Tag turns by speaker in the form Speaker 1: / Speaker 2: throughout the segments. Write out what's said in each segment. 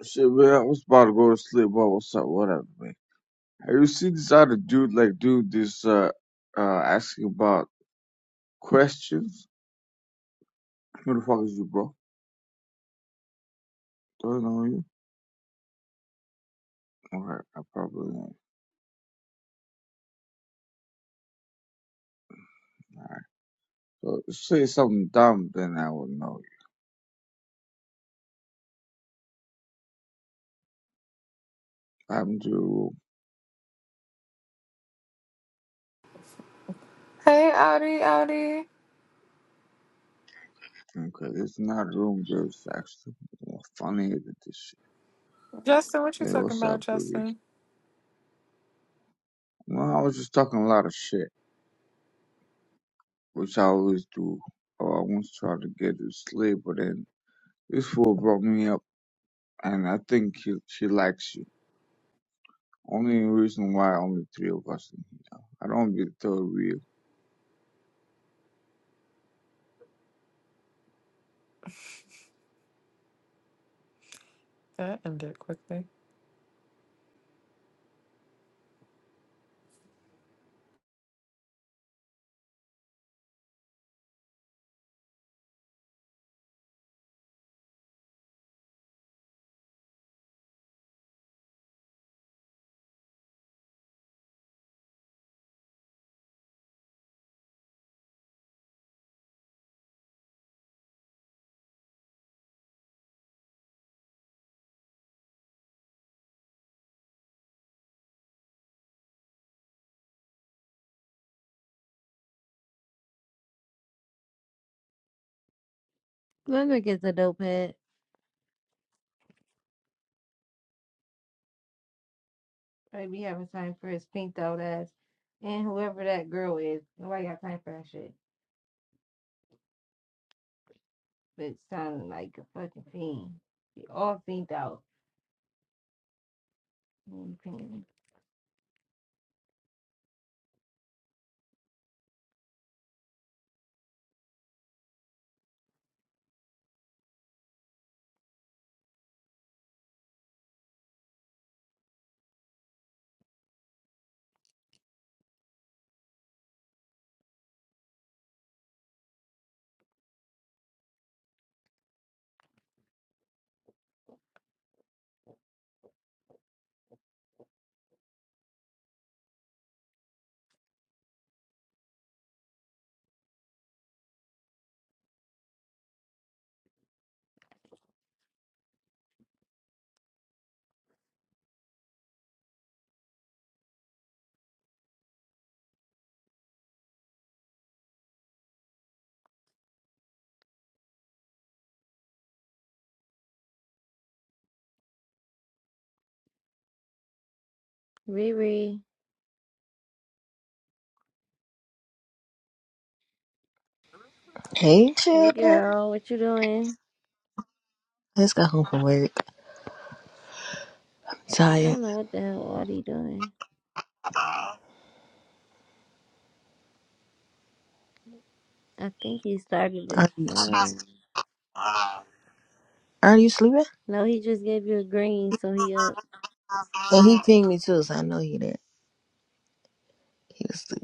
Speaker 1: Shit, man, I was about to go to sleep, but what's up? Whatever, man. Have you seen this other dude, like, dude, this, uh, uh, asking about questions? Who the fuck is you, bro? Do I know you? Alright, I probably know. So, say something dumb, then I will know you. I'm to a room.
Speaker 2: Hey, Audi, Audi.
Speaker 1: Okay, it's not a room, there's actually more funny than this shit.
Speaker 2: Justin, what you
Speaker 1: Hey,
Speaker 2: talking
Speaker 1: what's
Speaker 2: about,
Speaker 1: up, baby?
Speaker 2: Justin?
Speaker 1: Well, I was just talking a lot of shit, which I always do. Oh, I once tried to get to sleep, but then this fool brought me up. and I think she she likes you. Only reason why only three of us in here. I don't want to be the third wheel.
Speaker 2: That ended quickly.
Speaker 3: Glendrick gets a dope head. Probably be having time for his pink dot ass. And whoever that girl is, nobody got time for that shit. But sounding like a fucking fiend. They all fiend out. Mm, fiend. Riri,
Speaker 4: Hey, chill.
Speaker 3: hey girl, what you doing?
Speaker 4: I just got home from work.
Speaker 3: I
Speaker 4: Tired.
Speaker 3: don't know what the hell Audie doing. I think he started
Speaker 4: Are
Speaker 3: this
Speaker 4: you,
Speaker 3: room.
Speaker 4: are you sleeping?
Speaker 3: No, he just gave you a green, so he up.
Speaker 4: And he pinged me too, so I know he did. He was asleep.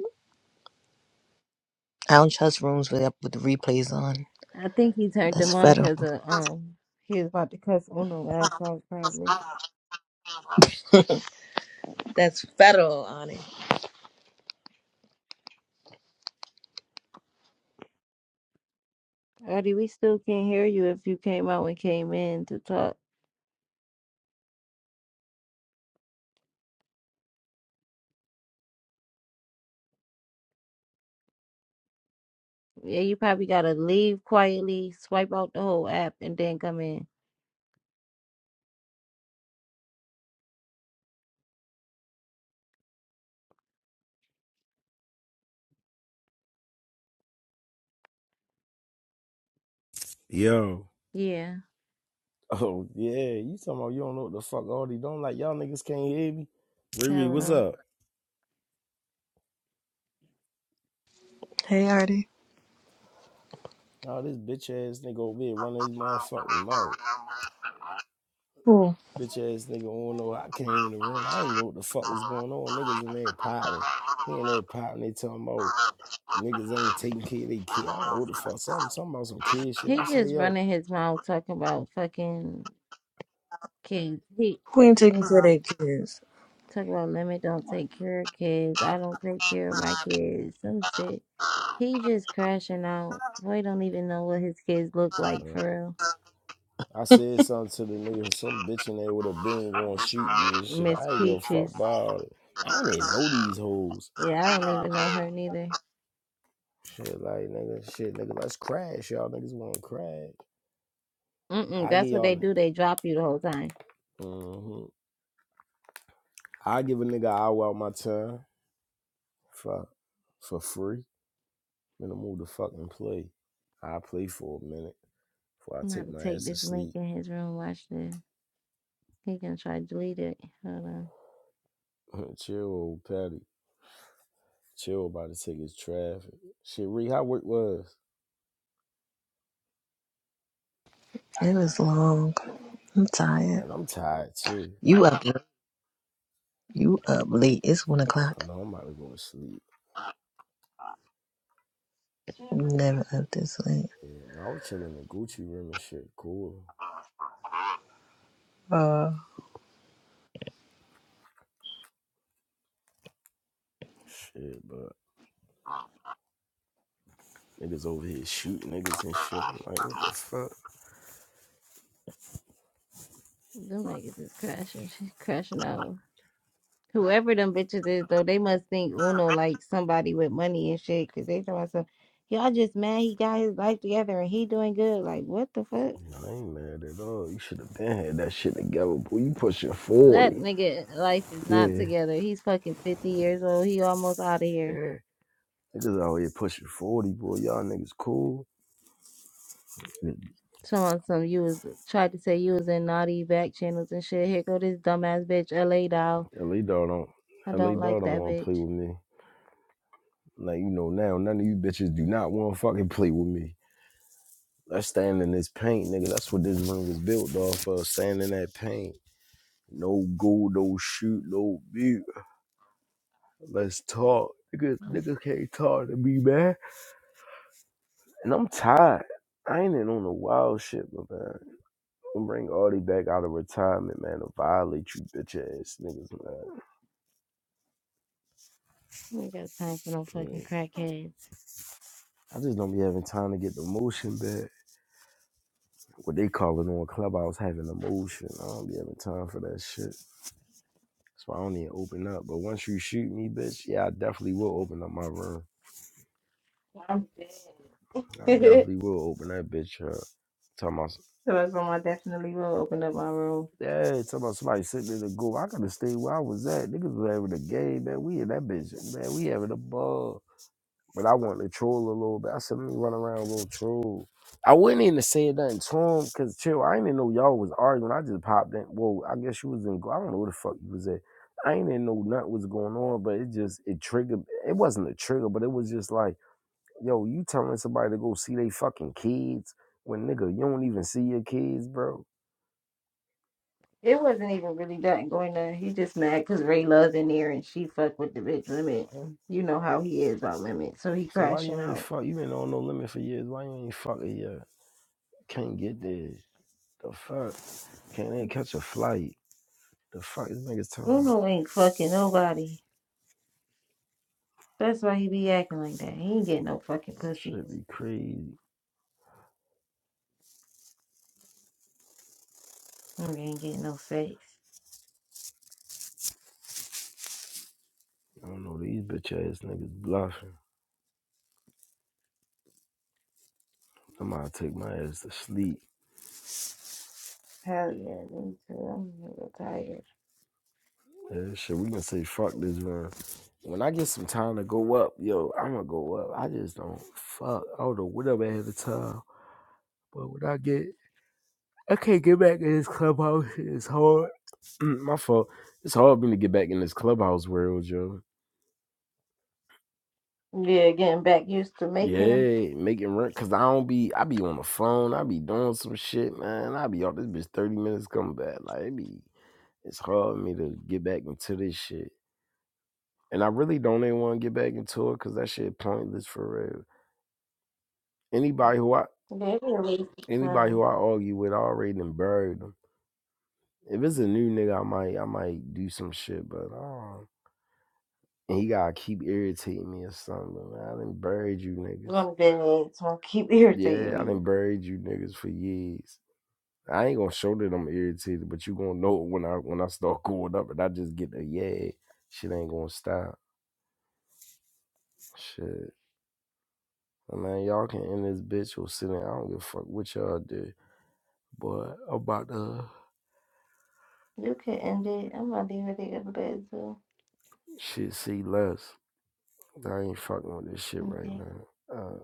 Speaker 4: I don't trust rooms with, with the replays on.
Speaker 3: I think he turned them
Speaker 4: That's
Speaker 3: on
Speaker 4: federal.
Speaker 3: because of um he was about to cuss Uno ass out probably.
Speaker 4: That's federal on it.
Speaker 3: Eddie, we still can't hear you if you came out and came in to talk. Yeah, you probably gotta leave quietly, swipe out the whole app, and then come in.
Speaker 5: Yo,
Speaker 3: Yeah,
Speaker 5: Oh yeah, you talking about you don't know what the fuck all these don't like y'all niggas can't hear me. Riri,
Speaker 3: hell
Speaker 5: what's
Speaker 3: no.
Speaker 5: up?
Speaker 4: Hey, Artie.
Speaker 5: Nah, this bitch ass nigga over here running his motherfucking mouth.
Speaker 4: Cool.
Speaker 5: Bitch ass nigga don't know I came in the room. I didn't know what the fuck was going on. Niggas in there popping. He in there popping. They talking about niggas ain't taking care of their kid. I don't know what the fuck. Something, something about some kid shit. I
Speaker 3: He
Speaker 5: say,
Speaker 3: just
Speaker 5: yo.
Speaker 3: running his mouth talking about fucking kids. He
Speaker 4: Queen taking care of their kids.
Speaker 3: talking about lemon don't take care of kids. I don't take care of my kids. Some shit. He just crashing out. Boy, don't even know what his kids look like
Speaker 5: uh,
Speaker 3: for real.
Speaker 5: I said something to the nigga. Some bitch in there with a bean gonna shoot me and shit.
Speaker 3: Miss
Speaker 5: I ain't give a fuck
Speaker 3: Peaches.
Speaker 5: about it. I don't even know these hoes.
Speaker 3: Yeah, I don't even know her neither.
Speaker 5: Shit, like nigga, shit, nigga, let's crash, y'all niggas want to crash.
Speaker 3: Mm-mm,
Speaker 5: I
Speaker 3: that's
Speaker 5: give
Speaker 3: what they
Speaker 5: y'all
Speaker 3: do. They drop you the whole time.
Speaker 5: nigga. hmm I give a nigga I hour out my time for for free. Then I move to fucking play. I play for a minute before I
Speaker 3: I'm about
Speaker 5: take
Speaker 3: to
Speaker 5: my
Speaker 3: take
Speaker 5: ass to
Speaker 3: this link
Speaker 5: sleep.
Speaker 3: in his room, watch this. He gonna try to delete it. Hold on.
Speaker 5: Chill, old Patty. Chill about to take his traffic. Shit, Ree, how work was?
Speaker 4: It was long. I'm tired.
Speaker 5: Man, I'm tired too.
Speaker 4: You up? You up late? It's one
Speaker 5: I
Speaker 4: o'clock.
Speaker 5: know I'm about to go to sleep.
Speaker 4: I'm never up this late.
Speaker 5: Yeah, and I was chilling in Gucci room and shit. Cool.
Speaker 4: Uh.
Speaker 5: Shit, but niggas over here shooting niggas and shit. I'm like, what the fuck?
Speaker 3: Them niggas is crashing. She's crashing out. Whoever them bitches is though, they must think Uno like somebody with money and shit, cause they talking about some y'all just mad he got his life together and he doing good. Like what the fuck?
Speaker 5: No, I ain't mad at all. You should have been had that shit together, boy. You pushing
Speaker 3: That
Speaker 5: 40.
Speaker 3: nigga life is not
Speaker 5: Yeah.
Speaker 3: together. He's fucking fifty years old. He almost out of here.
Speaker 5: Yeah. Niggas out here pushing 40, boy. Y'all niggas cool.
Speaker 3: Showing some you was tried to say you was in naughty back channels and shit. Here go this dumbass bitch, LA doll.
Speaker 5: LA dog don't
Speaker 3: I
Speaker 5: LA
Speaker 3: don't like
Speaker 5: dog don't
Speaker 3: that
Speaker 5: wanna
Speaker 3: bitch.
Speaker 5: play with me. Like you know now, none of you bitches do not wanna fucking play with me. Let's stand in this paint, nigga. That's what this room was built off of. Stand in that paint. No go, no shoot, no mute. Let's talk. Niggas, niggas can't talk to me, man. And I'm tired. I ain't in on the wild shit, my man. Don't bring Audie back out of retirement, man. To violate you bitch ass niggas, man.
Speaker 3: I ain't got time for no fucking
Speaker 5: Mm.
Speaker 3: crackheads.
Speaker 5: I just don't be having time to get the motion back. What they call it on Clubhouse having emotion. I don't be having time for that shit. That's why I don't even open up. But once you shoot me, bitch, yeah, I definitely will open up my room.
Speaker 3: I'm dead.
Speaker 5: I definitely will open that bitch up. Talking about,
Speaker 3: so that's why I definitely will open up my room.
Speaker 5: yeah, talking about somebody sitting there to go. I could have stayed where I was at. Niggas was having a game, man. We in that bitch, man. We having a ball. But I wanted to troll a little bit. I said, let me run around a little troll. I wouldn't even say nothing to him because chill, I didn't even know y'all was arguing. I just popped in. Well, I guess you was in, I don't know where the fuck you was at. I ain't even know nothing was going on, but it just, it triggered. It wasn't a trigger, but it was just like, yo, you telling somebody to go see they fucking kids when nigga, you don't even see your kids, bro.
Speaker 3: It wasn't even really that going on. He just mad because Ray Love in there and she fucked with the bitch limit. And You know how he is about limit, so he
Speaker 5: So why you
Speaker 3: crashing
Speaker 5: ain't
Speaker 3: out.
Speaker 5: fuck? You been on no limit for years. Why you ain't fucking yet? Can't get there. The fuck? Can't even catch a flight. The fuck is niggas talking about?
Speaker 3: Bruno ain't fucking nobody. That's why he be acting like that. He ain't getting no fucking pussy.
Speaker 5: Should be crazy.
Speaker 3: He ain't getting no sex.
Speaker 5: I don't know these bitch ass niggas bluffing. I'm gonna take my ass to sleep.
Speaker 3: Hell yeah, me too. I'm a little tired.
Speaker 5: Yeah, shit, we gonna say fuck this run. When I get some time to go up, yo, I'm gonna go up. I just don't fuck. I don't know what I'm at the time, but when I get, I can't get back in this clubhouse. It's hard. my fault. It's hard for me to get back in this clubhouse world, yo.
Speaker 3: Yeah, getting back used to making them.
Speaker 5: Yeah, making rent because I don't be I be on the phone, I be doing some shit, man. I be off this bitch 30 minutes coming back. Like it be it's hard for me to get back into this shit. And I really don't even want to get back into it because that shit pointless for real. Anybody who I
Speaker 3: They be a waste of
Speaker 5: anybody
Speaker 3: time.
Speaker 5: who I argue with I already done buried them. If it's a new nigga, I might I might do some shit, but um and he gotta keep irritating me or something. Man. I done buried you niggas.
Speaker 3: I'm dead. So I'm gonna keep irritating
Speaker 5: Yeah, I
Speaker 3: me.
Speaker 5: done buried you niggas for years. I ain't gonna show that I'm irritated, but you gonna know it when I when I start cooling up and I just get a yeah, shit ain't gonna stop. Shit. man, y'all can end this bitch or sit in. I don't give a fuck what y'all do. But I'm about the
Speaker 3: You can end it. I'm gonna leave it in the bed too.
Speaker 5: shit see less. I ain't fucking with this shit right
Speaker 3: Okay.
Speaker 5: now. Uh,